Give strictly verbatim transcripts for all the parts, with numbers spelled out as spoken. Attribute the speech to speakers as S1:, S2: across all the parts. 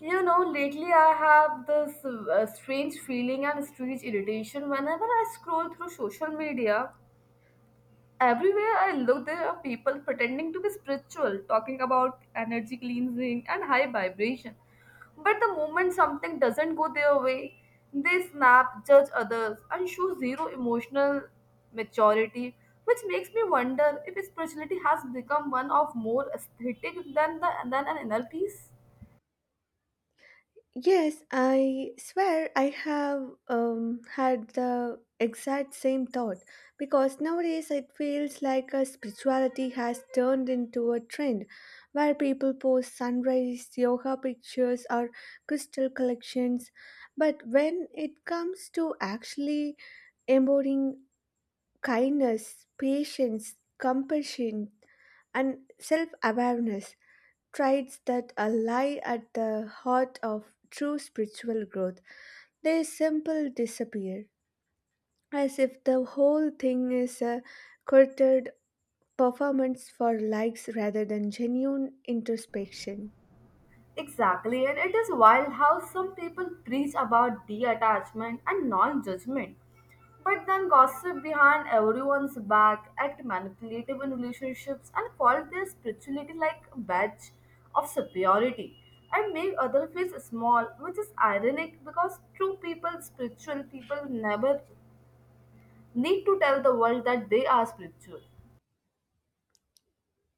S1: You know, lately I have this uh, strange feeling and strange irritation whenever I scroll through social media. Everywhere I look, there are people pretending to be spiritual, talking about energy cleansing and high vibration. But the moment something doesn't go their way, they snap, judge others, and show zero emotional maturity, which makes me wonder if spirituality has become one of more aesthetic than, the, than an inner peace.
S2: Yes, I swear I have um, had the exact same thought because nowadays it feels like a spirituality has turned into a trend where people post sunrise yoga pictures or crystal collections. But when it comes to actually embodying kindness, patience, compassion, and self awareness traits that lie at the heart of true spiritual growth. They simply disappear, as if the whole thing is a curated performance for likes rather than genuine introspection.
S1: Exactly, and it is wild how some people preach about detachment and non judgment, but then gossip behind everyone's back, act manipulative in relationships, and call their spirituality like a badge of superiority and make other feel small, which is ironic because true people, spiritual people, never need to tell the world that they are spiritual.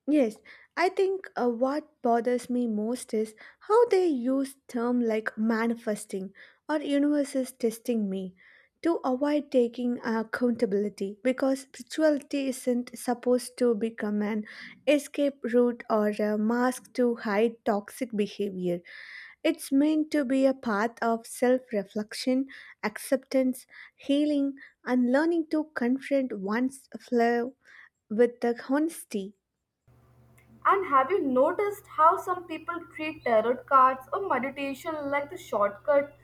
S2: Yes, I think uh, what bothers me most is how they use term like manifesting or universe is testing me to avoid taking accountability because spirituality isn't supposed to become an escape route or a mask to hide toxic behavior. It's meant to be a path of self-reflection, acceptance, healing, and learning to confront one's flaw with the honesty.
S1: And have you noticed how some people treat tarot cards or meditation like the shortcut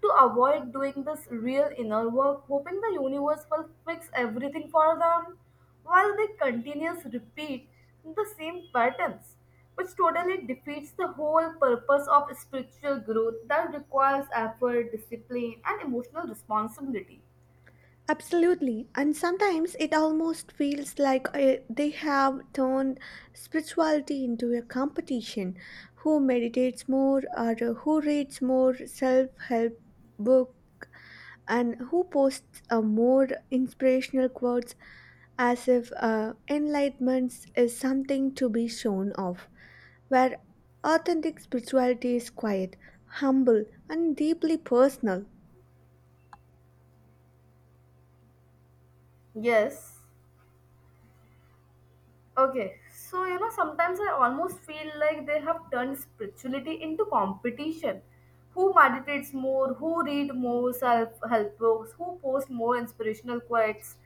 S1: to avoid doing this real inner work, hoping the universe will fix everything for them, while they continuously repeat the same patterns, which totally defeats the whole purpose of spiritual growth that requires effort, discipline, and emotional responsibility.
S2: Absolutely. And sometimes it almost feels like uh, they have turned spirituality into a competition. Who meditates more, or who reads more self help book, and who posts uh, more inspirational quotes as if uh, enlightenment is something to be shown off. Where authentic spirituality is quiet, humble, and deeply personal.
S1: Yes. Okay, so you know, sometimes I almost feel like they have turned spirituality into competition. Who meditates more, who read more self help books, who posts more inspirational quotes,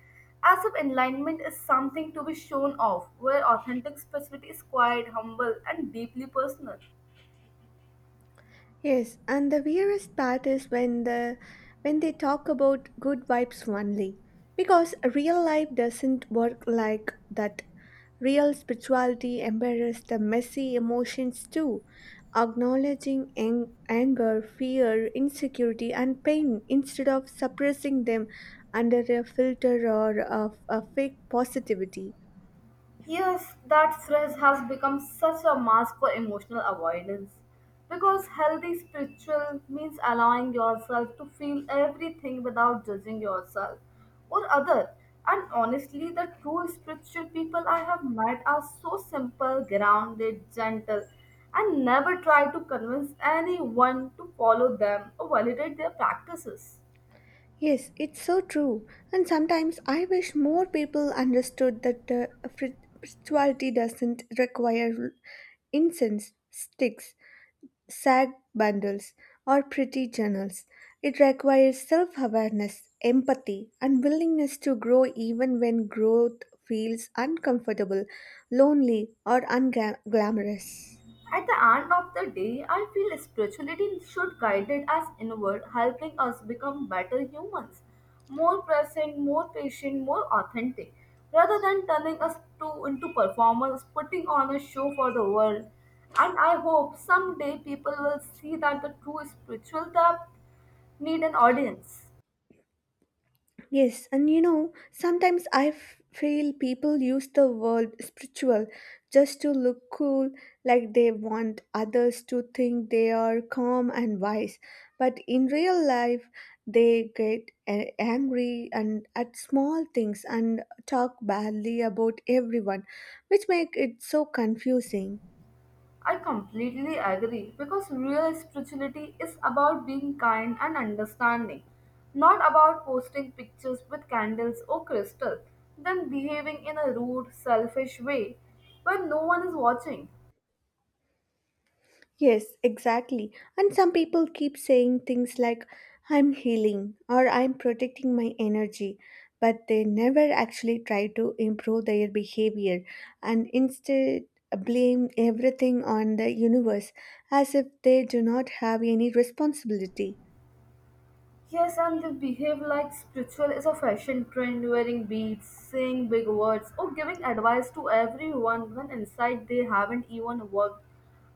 S1: as if enlightenment is something to be shown off, where authentic spirituality is quiet, humble, and deeply personal.
S2: Yes, and the weirdest part is when the when they talk about good vibes only, because real life doesn't work like that. Real spirituality embraces the messy emotions too, acknowledging ang- anger, fear, insecurity, and pain instead of suppressing them under a filter or of a fake positivity.
S1: Yes, that stress has become such a mask for emotional avoidance. Because healthy spiritual means allowing yourself to feel everything without judging yourself or other. And honestly, the true spiritual people I have met are so simple, grounded, gentle, and never try to convince anyone to follow them or validate their practices.
S2: Yes, it's so true. And sometimes I wish more people understood that uh, fri- spirituality doesn't require incense sticks, sad bundles, or pretty journals. It requires self awareness, empathy, and willingness to grow even when growth feels uncomfortable, lonely, or unglamorous.
S1: At the end of the day, I feel spirituality should guide us inward, helping us become better humans, more present, more patient, more authentic, rather than turning us to into performers, putting on a show for the world. And I hope someday people will see that the true spiritual depth need an audience.
S2: Yes, and you know, sometimes I f- feel people use the word spiritual just to look cool, like they want others to think they are calm and wise. But in real life, they get a- angry and at small things and talk badly about everyone, which make it so confusing.
S1: I completely agree because real spirituality is about being kind and understanding, not about posting pictures with candles or crystal, then behaving in a rude, selfish way when no one is watching.
S2: Yes, exactly. And some people keep saying things like, I'm healing or I'm protecting my energy, but they never actually try to improve their behavior and instead blame everything on the universe as if they do not have any responsibility.
S1: Yes, and they behave like spiritual is a fashion trend, wearing beads, saying big words, or giving advice to everyone when inside they haven't even worked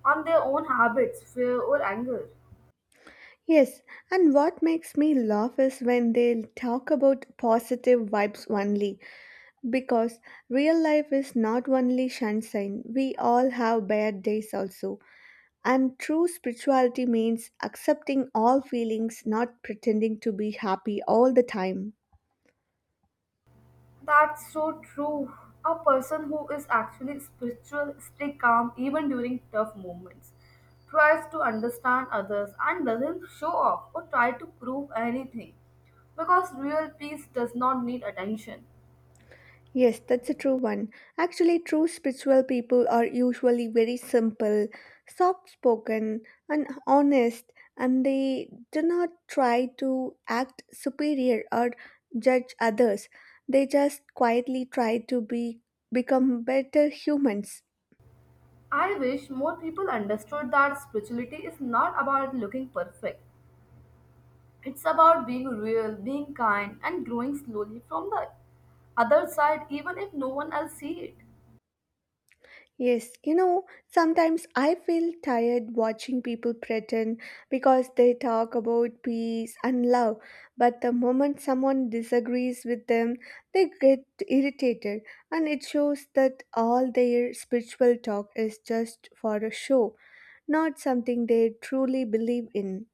S1: on their own habits, fear, or anger.
S2: Yes, and what makes me laugh is when they talk about positive vibes only, because real life is not only sunshine, we all have bad days also. And true spirituality means accepting all feelings, not pretending to be happy all the time.
S1: That's so true. A person who is actually spiritual stay calm even during tough moments, tries to understand others and doesn't show off or try to prove anything because real peace does not need attention.
S2: Yes, that's a true one. Actually, true spiritual people are usually very simple, soft spoken, and honest, and they do not try to act superior or judge others. They just quietly try to be become better humans.
S1: I wish more people understood that spirituality is not about looking perfect. It's about being real, being kind and growing slowly from the other side even if no one else see it.
S2: Yes, you know, sometimes I feel tired watching people pretend because they talk about peace and love, but the moment someone disagrees with them, they get irritated, and it shows that all their spiritual talk is just for a show, not something they truly believe in.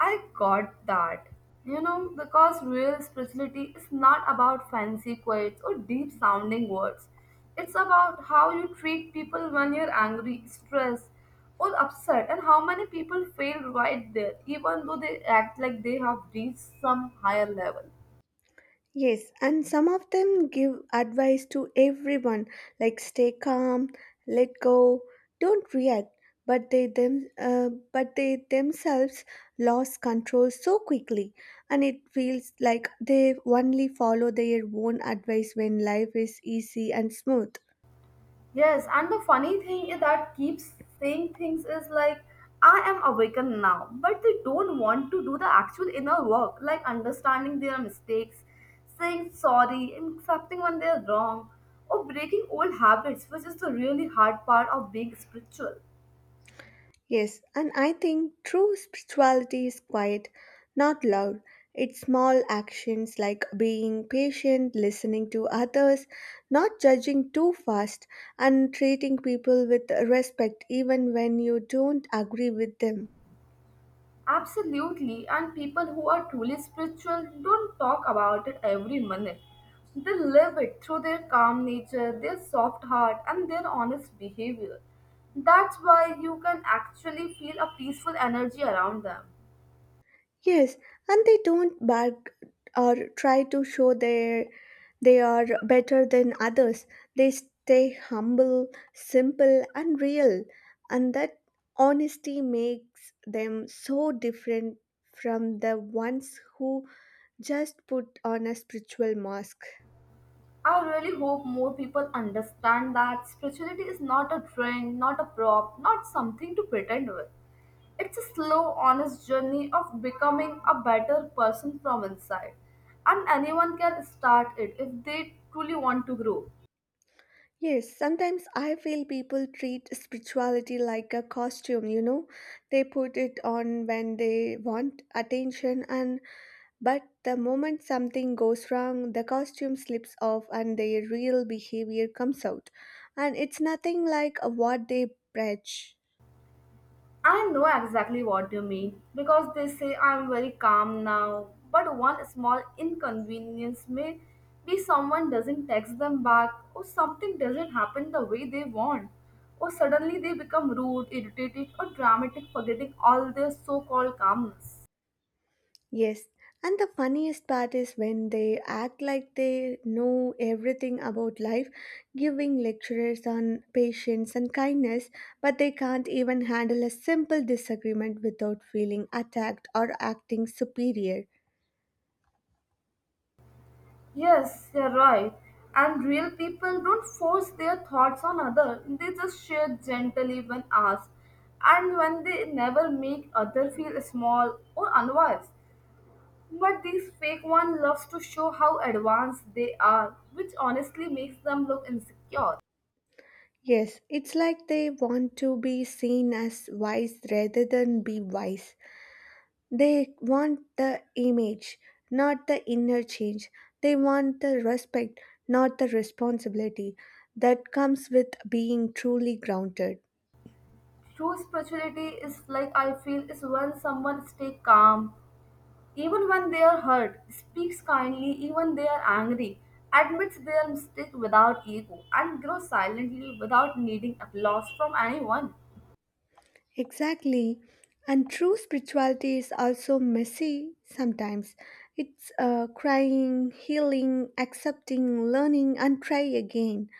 S1: I got that. You know, because real spirituality is not about fancy quotes or deep sounding words. It's about how you treat people when you're angry, stressed, or upset, and how many people fail right there, even though they act like they have reached some higher level.
S2: Yes, and some of them give advice to everyone like stay calm, let go, don't react, but they them uh, but they themselves lost control so quickly, and it feels like they only follow their own advice when life is easy and smooth.
S1: Yes, and the funny thing is that keeps saying things is like, I am awakened now, but they don't want to do the actual inner work, like understanding their mistakes, saying sorry, and accepting when they're wrong, or breaking old habits, which is the really hard part of being spiritual.
S2: Yes, and I think true spirituality is quiet, not loud. It's small actions like being patient, listening to others, not judging too fast, and treating people with respect even when you don't agree with them.
S1: Absolutely, and people who are truly spiritual don't talk about it every minute. They live it through their calm nature, their soft heart, and their honest behavior. That's why you can actually feel a peaceful energy around them.
S2: Yes, and they don't bark or try to show their they are better than others. They stay humble, simple, and real, and that honesty makes them so different from the ones who just put on a spiritual mask.
S1: I really hope more people understand that spirituality is not a trend, not a prop, not something to pretend with. It's a slow, honest journey of becoming a better person from inside. And anyone can start it if they truly want to grow.
S2: Yes, sometimes I feel people treat spirituality like a costume, you know. They put it on when they want attention and But the moment something goes wrong, the costume slips off and their real behavior comes out. And it's nothing like what they preach.
S1: I know exactly what you mean because they say I'm very calm now, but one small inconvenience may be someone doesn't text them back, or something doesn't happen the way they want, or suddenly they become rude, irritated, or dramatic, forgetting all their so called calmness.
S2: Yes, and the funniest part is when they act like they know everything about life, giving lectures on patience and kindness, but they can't even handle a simple disagreement without feeling attacked or acting superior.
S1: Yes, you're right. And real people don't force their thoughts on others. They just share gently when asked. And when they never make other feel small or unwise. But these fake ones love to show how advanced they are, which honestly makes them look insecure.
S2: Yes, it's like they want to be seen as wise rather than be wise. They want the image, not the inner change. They want the respect, not the responsibility that comes with being truly grounded.
S1: True spirituality is like I feel is when someone stay calm, even when they are hurt, speaks kindly even they are angry, admits their mistake without ego, and grows silently without needing applause from anyone.
S2: Exactly. And true spirituality is also messy sometimes. It's uh, crying, healing, accepting, learning, and try again.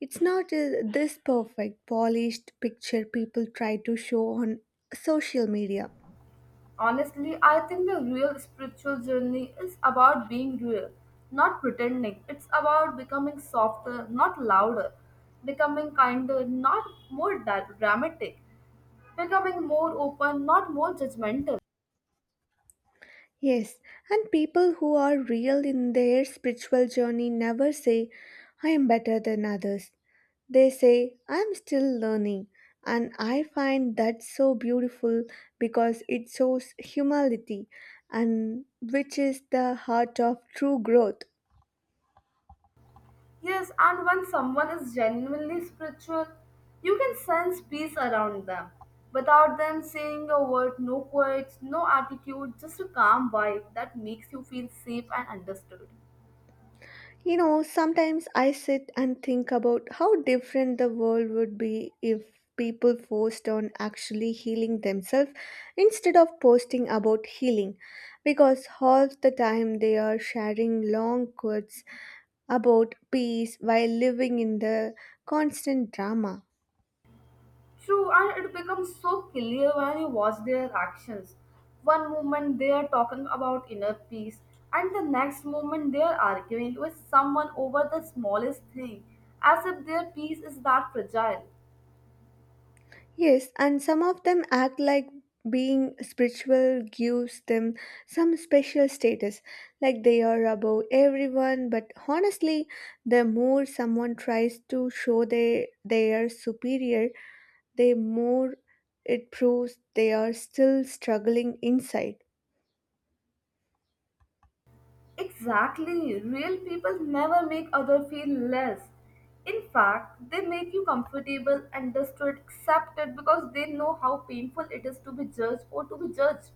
S2: It's not uh, this perfect, polished picture people try to show on social media.
S1: Honestly, I think the real spiritual journey is about being real, not pretending. It's about becoming softer, not louder, becoming kinder, not more da- dramatic, becoming more open, not more judgmental.
S2: Yes, and people who are real in their spiritual journey never say, I am better than others. They say, I am still learning. And I find that so beautiful because it shows humility, and which is the heart of true growth.
S1: Yes, and when someone is genuinely spiritual, you can sense peace around them. Without them saying a word, no quotes, no attitude, just a calm vibe that makes you feel safe and understood.
S2: You know, sometimes I sit and think about how different the world would be if people forced on actually healing themselves instead of posting about healing because half the time they are sharing long quotes about peace while living in the constant drama.
S1: True, and it becomes so clear when you watch their actions. One moment they are talking about inner peace, and the next moment they are arguing with someone over the smallest thing, as if their peace is that fragile.
S2: Yes, and some of them act like being spiritual gives them some special status, like they are above everyone. But honestly, the more someone tries to show they, they are superior, the more it proves they are still struggling inside.
S1: Exactly, real people never make other feel less. In fact, they make you comfortable, understood, accepted because they know how painful it is to be judged or to be judged.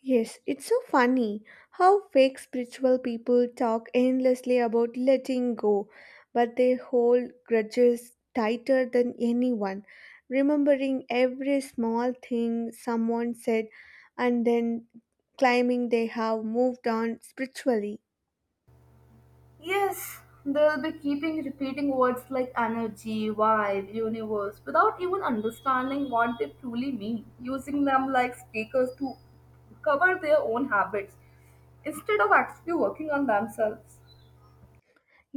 S2: Yes, it's so funny how fake spiritual people talk endlessly about letting go, but they hold grudges tighter than anyone, remembering every small thing someone said and then claiming they have moved on spiritually.
S1: Yes, they'll be keeping repeating words like energy, vibe, universe without even understanding what they truly mean, using them like stickers to cover their own habits instead of actually working on themselves.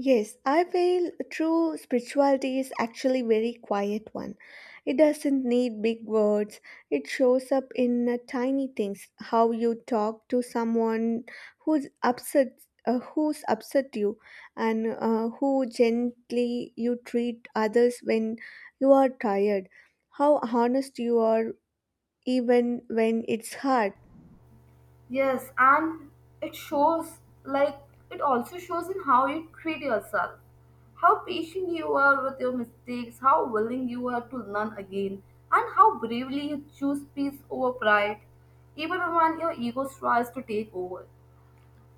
S2: Yes, I feel true spirituality is actually very quiet one. It doesn't need big words. It shows up in uh, tiny things, how you talk to someone who's upset uh, who's upset you and uh, who gently you treat others when you are tired, how honest you are even when it's hard.
S1: Yes, and it shows like it also shows in how you treat yourself, how patient you are with your mistakes, how willing you are to learn again, and how bravely you choose peace over pride, even when your ego tries to take over.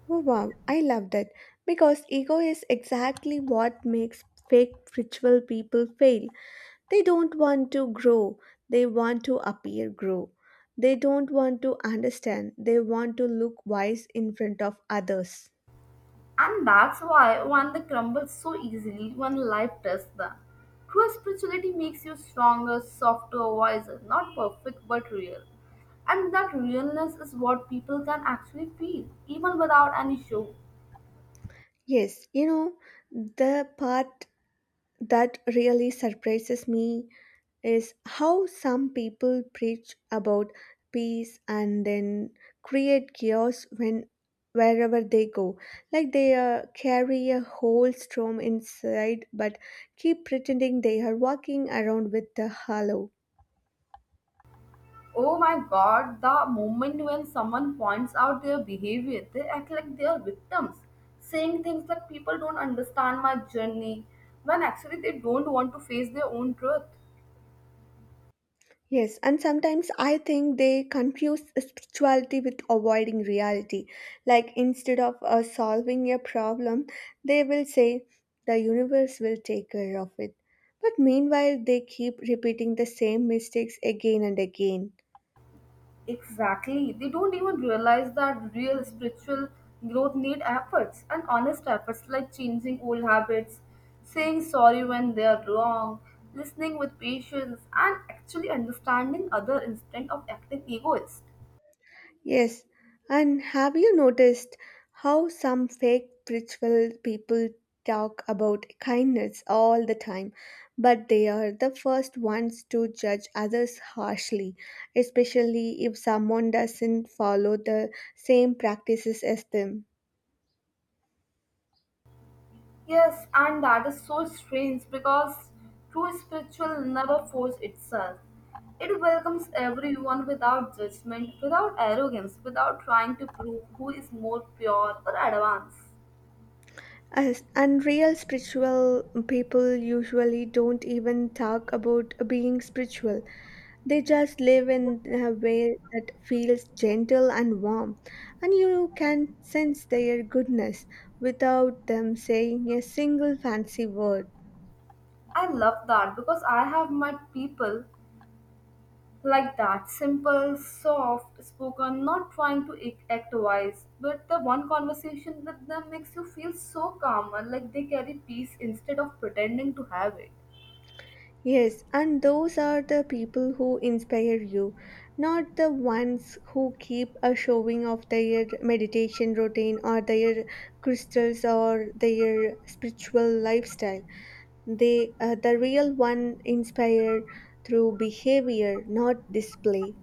S2: Oh, wow, I loved it because ego is exactly what makes fake ritual people fail. They don't want to grow, they want to appear grow. They don't want to understand, they want to look wise in front of others.
S1: And that's why one they crumble so easily when life tests them. True spirituality makes you stronger, softer, wiser, not perfect but real. And that realness is what people can actually feel, even without any show.
S2: Yes, you know, the part that really surprises me is how some people preach about peace and then create chaos when wherever they go, like they uh, carry a whole storm inside but keep pretending they are walking around with a halo.
S1: Oh my god, the moment when someone points out their behavior, they act like they are victims, saying things like people don't understand my journey, when actually they don't want to face their own truth.
S2: Yes, and sometimes I think they confuse spirituality with avoiding reality. Like instead of uh, solving a problem, they will say, the universe will take care of it. But meanwhile, they keep repeating the same mistakes again and again.
S1: Exactly. They don't even realize that real spiritual growth need efforts and honest efforts like changing old habits, saying sorry when they are wrong, listening with patience, and actually understanding other instead of acting egoist.
S2: Yes, and have you noticed how some fake spiritual people talk about kindness all the time, but they are the first ones to judge others harshly, especially if someone doesn't follow the same practices as them?
S1: Yes, and that is so strange because true spiritual never force itself. It welcomes everyone without judgment, without arrogance, without trying to prove who is more pure or advanced.
S2: As unreal spiritual people usually don't even talk about being spiritual. They just live in a way that feels gentle and warm, and you can sense their goodness without them saying a single fancy word.
S1: I love that because I have met people like that simple, soft spoken, not trying to ac- act wise, but the one conversation with them makes you feel so calm and like they carry peace instead of pretending to have it.
S2: Yes, and those are the people who inspire you, not the ones who keep a showing of their meditation routine or their crystals or their spiritual lifestyle. They, uh, the real one, inspire through behavior, not display.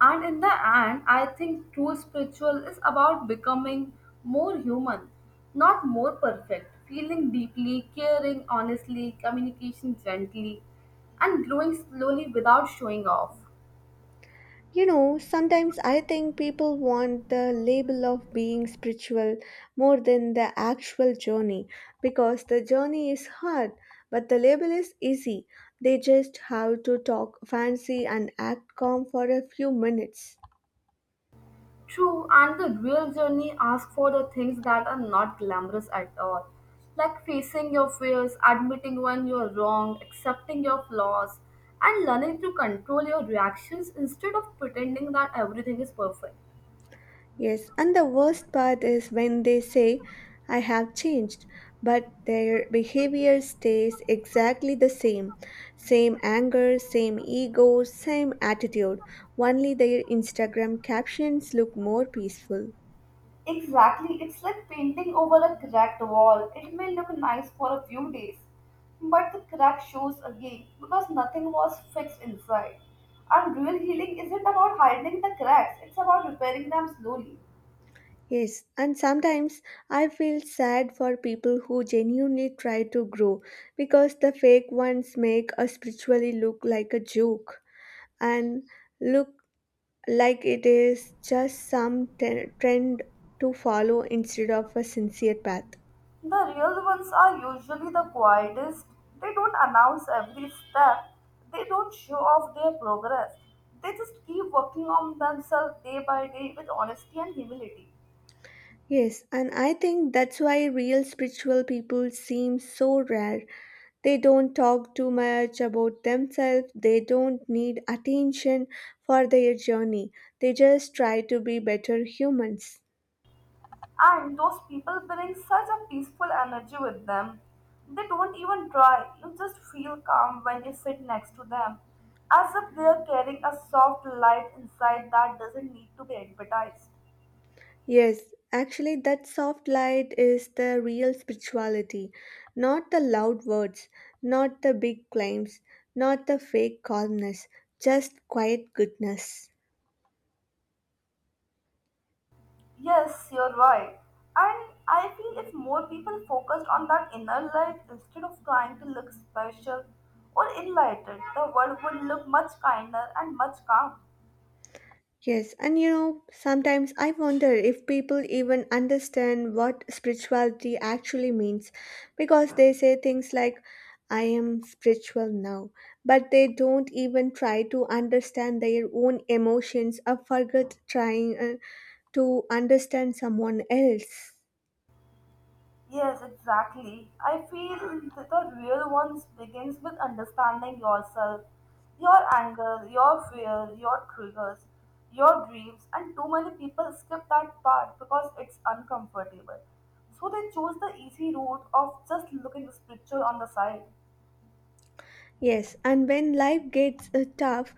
S1: And in the end, I think true spiritual is about becoming more human, not more perfect, feeling deeply, caring honestly, communication gently, and growing slowly without showing off.
S2: You know, sometimes I think people want the label of being spiritual more than the actual journey because the journey is hard, but the label is easy. They just have to talk fancy and act calm for a few minutes.
S1: True, and the real journey asks for the things that are not glamorous at all, like facing your fears, admitting when you're wrong, accepting your flaws, and learning to control your reactions instead of pretending that everything is perfect.
S2: Yes, and the worst part is when they say, I have changed, but their behavior stays exactly the same. Same anger, same ego, same attitude. Only their Instagram captions look more peaceful.
S1: Exactly, it's like painting over a cracked wall. It may look nice for a few days, but the crack shows again because nothing was fixed inside. And real healing isn't about hiding the cracks, it's about repairing them slowly.
S2: Yes, and sometimes I feel sad for people who genuinely try to grow because the fake ones make a spiritually look like a joke and look like it is just some ten- trend to follow instead of a sincere path.
S1: The real ones are usually the quietest. They don't announce every step. They don't show off their progress. They just keep working on themselves day by day with honesty and humility.
S2: Yes, and I think that's why real spiritual people seem so rare. They don't talk too much about themselves, they don't need attention for their journey. They just try to be better humans.
S1: And those people bring such a peaceful energy with them. They don't even try. You just feel calm when you sit next to them, as if they are carrying a soft light inside that doesn't need to be advertised.
S2: Yes, actually, that soft light is the real spirituality, not the loud words, not the big claims, not the fake calmness, just quiet goodness.
S1: Yes, you're right. And I feel if more people focused on that inner light instead of trying to look special or enlightened, the world would look much kinder and much calm.
S2: Yes, and you know, sometimes I wonder if people even understand what spirituality actually means because they say things like, I am spiritual now, but they don't even try to understand their own emotions or forget trying uh, to understand someone else.
S1: Yes, exactly. I feel that the real ones begins with understanding yourself, your anger, your fear, your triggers, your dreams, and too many people skip that part because it's uncomfortable. So they choose the easy route of just looking spiritual on the side.
S2: Yes, and when life gets uh, tough,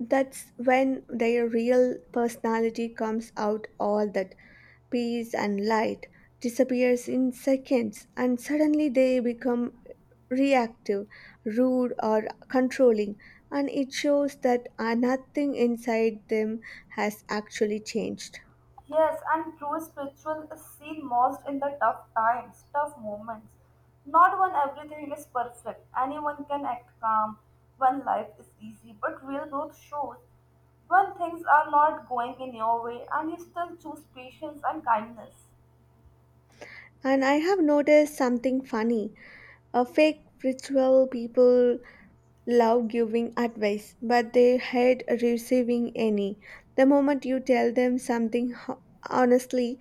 S2: that's when their real personality comes out. All that peace and light disappears in seconds, and suddenly they become reactive, rude or controlling, and it shows that uh, nothing inside them has actually changed.
S1: Yes, and true spiritual is seen most in the tough times, tough moments. Not when everything is perfect. Anyone can act calm when life is easy, but real growth shows when things are not going in your way and you still choose patience and kindness.
S2: And I have noticed something funny, a fake ritual people love giving advice but they hate receiving any. The moment you tell them something ho- honestly,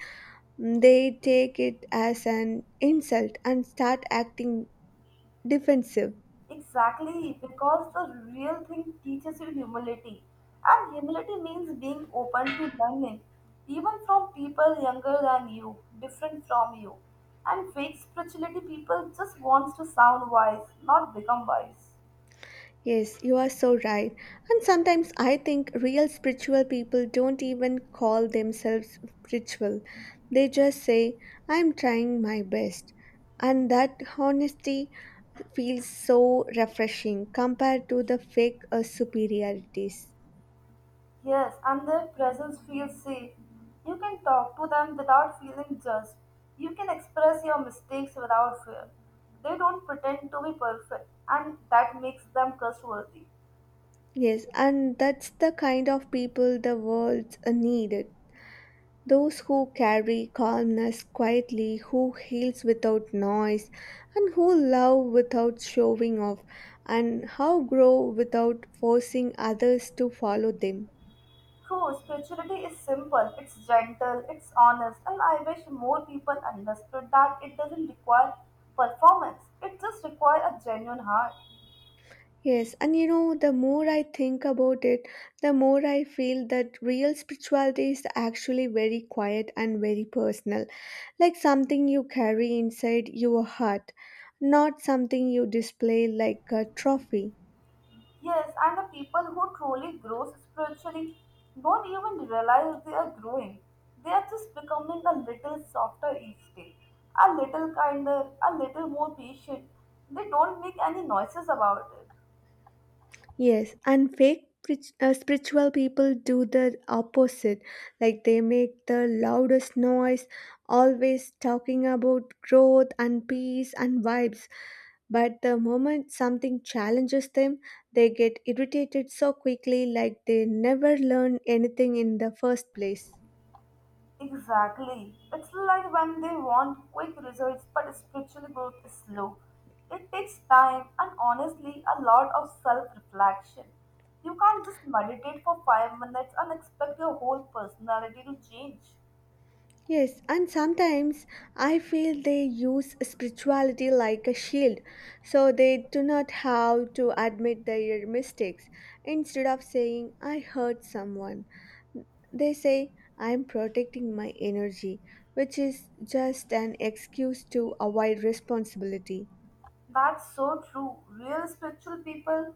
S2: they take it as an insult and start acting defensive.
S1: Exactly, because the real thing teaches you humility. And humility means being open to learning, even from people younger than you, different from you. And fake spirituality people just wants to sound wise, not become wise.
S2: Yes, you are so right. And sometimes I think real spiritual people don't even call themselves spiritual. They just say, I'm trying my best. And that honesty feels so refreshing compared to the fake uh, superiorities.
S1: Yes, and their presence feels safe. You can talk to them without feeling judged. You can express your mistakes without fear. They don't pretend to be perfect, and that makes them trustworthy.
S2: Yes, and that's the kind of people the world uh, needed. Those who carry calmness quietly, who heals without noise, and who love without showing off, and how grow without forcing others to follow them.
S1: True, spirituality is simple, it's gentle, it's honest, and I wish more people understood that it doesn't require performance, it just requires a genuine heart.
S2: Yes, and you know, the more I think about it, the more I feel that real spirituality is actually very quiet and very personal, like something you carry inside your heart, not something you display like a trophy.
S1: Yes, and the people who truly grow spiritually don't even realize they are growing. They are just becoming a little softer each day, a little kinder, a little more patient. They don't make any noises about it.
S2: Yes, and fake sprit- uh, spiritual people do the opposite. Like they make the loudest noise, always talking about growth and peace and vibes. But the moment something challenges them, they get irritated so quickly, like they never learn anything in the first place.
S1: Exactly. It's like when they want quick results, but spiritual growth is slow. It takes time and honestly a lot of self reflection. You can't just meditate for five minutes and expect your whole personality to change.
S2: Yes, and sometimes I feel they use spirituality like a shield, so they do not have to admit their mistakes. Instead of saying, "I hurt someone," they say, "I'm protecting my energy," which is just an excuse to avoid responsibility.
S1: That's so true. Real spiritual people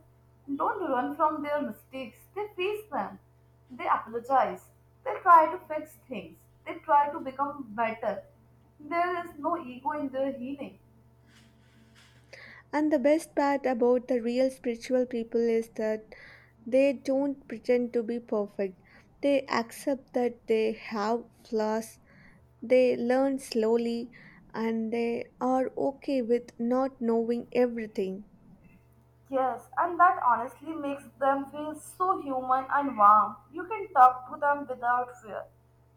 S1: don't run from their mistakes, they face them. They apologize. They try to fix things. They try to become better. There is no ego in their healing.
S2: And the best part about the real spiritual people is that they don't pretend to be perfect. They accept that they have flaws. They learn slowly, and they are okay with not knowing everything.
S1: Yes, and that honestly makes them feel so human and warm. You can talk to them without fear.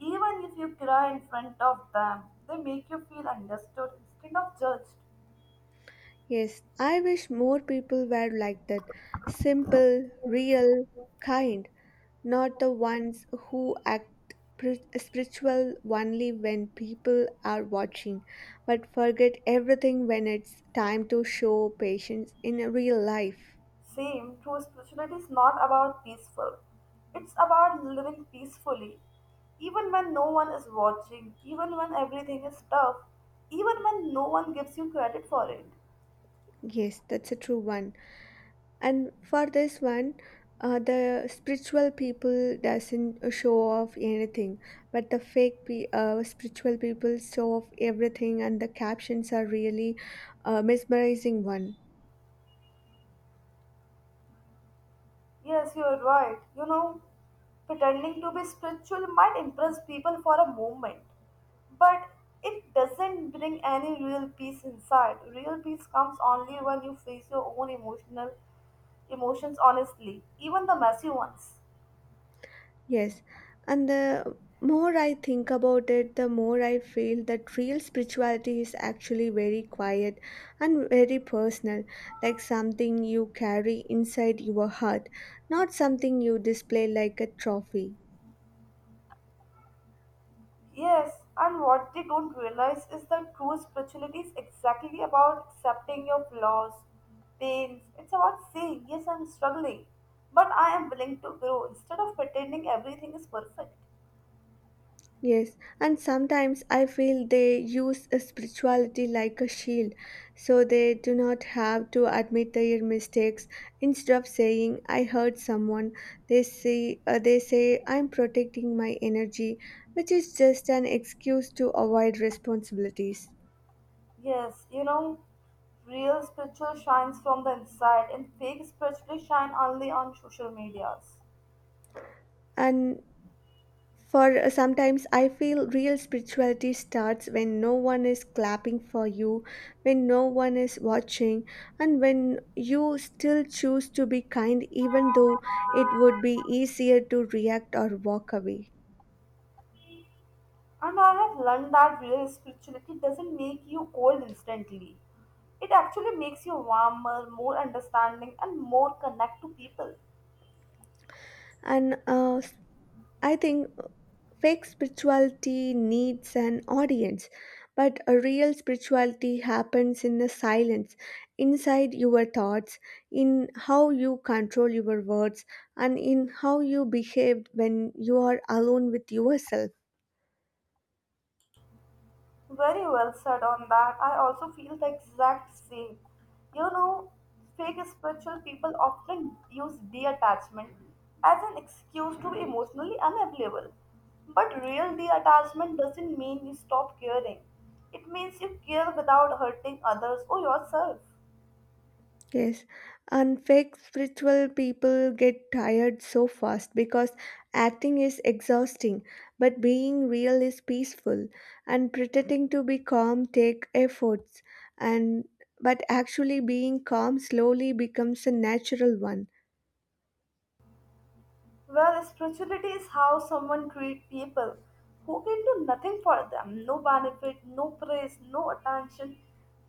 S1: Even if you cry in front of them, they make you feel understood instead of judged.
S2: Yes, I wish more people were like that, simple, real, kind, not the ones who act pri- spiritual only when people are watching, but forget everything when it's time to show patience in a real life.
S1: Same, true spirituality is not about peaceful. It's about living peacefully. Even when no one is watching, even when everything is tough, even when no one gives you credit for it.
S2: Yes, that's a true one. And for this one, uh, the spiritual people doesn't show off anything, but the fake pe- uh, spiritual people show off everything, and the captions are really uh, mesmerizing one.
S1: Yes, you are right. You know, pretending to be spiritual might impress people for a moment, but it doesn't bring any real peace inside. Real peace comes only when you face your own emotional emotions honestly, even the messy ones.
S2: Yes, and the more I think about it, the more I feel that real spirituality is actually very quiet and very personal, like something you carry inside your heart, not something you display like a trophy.
S1: Yes, and what they don't realize is that true spirituality is exactly about accepting your flaws, pains. It's about saying, yes, I'm struggling, but I am willing to grow instead of pretending everything is perfect.
S2: Yes, and sometimes I feel they use a spirituality like a shield, so they do not have to admit their mistakes. Instead of saying "I hurt someone," they say uh, they say "I'm protecting my energy," which is just an excuse to avoid responsibilities.
S1: Yes, you know, real spiritual shines from the inside, and fake spirituality shine only on social medias.
S2: And for uh, sometimes I feel real spirituality starts when no one is clapping for you, when no one is watching, and when you still choose to be kind, even though it would be easier to react or walk away.
S1: And I have learned that real spirituality doesn't make you cold instantly. It actually makes you warmer, more understanding, and more connect to people.
S2: And uh, I think fake spirituality needs an audience, but a real spirituality happens in the silence, inside your thoughts, in how you control your words, and in how you behave when you are alone with yourself.
S1: Very well said on that. I also feel the exact same. You know, fake spiritual people often use detachment as an excuse to be emotionally unavailable. But real detachment doesn't mean you stop caring. It means you care without hurting others or yourself.
S2: Yes, and fake spiritual people get tired so fast because acting is exhausting, but being real is peaceful, and pretending to be calm take efforts, and but actually being calm slowly becomes a natural one.
S1: Well, spirituality is how someone treats people who can do nothing for them no benefit, no praise, no attention,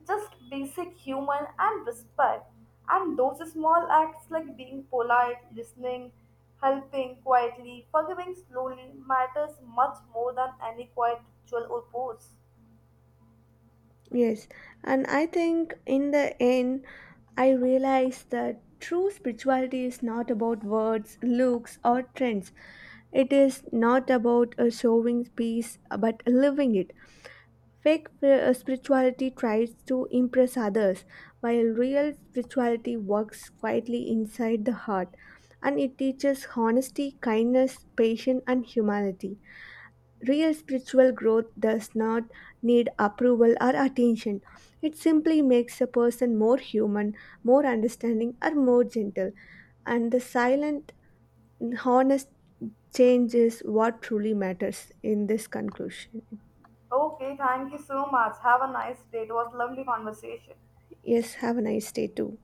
S1: just basic human and respect. And those small acts like being polite, listening, helping quietly, forgiving slowly matters much more than any quiet ritual or pose.
S2: Yes, and I think in the end, I realized that true spirituality is not about words, looks, or trends. It is not about uh, showing peace, but living it. Fake uh, spirituality tries to impress others, while real spirituality works quietly inside the heart, and it teaches honesty, kindness, patience, and humanity. Real spiritual growth does not need approval or attention. It simply makes a person more human, more understanding, or more gentle. And the silent, honest change is what truly matters in this conclusion.
S1: Okay, thank you so much. Have a nice day. It was lovely conversation.
S2: Yes, have a nice day too.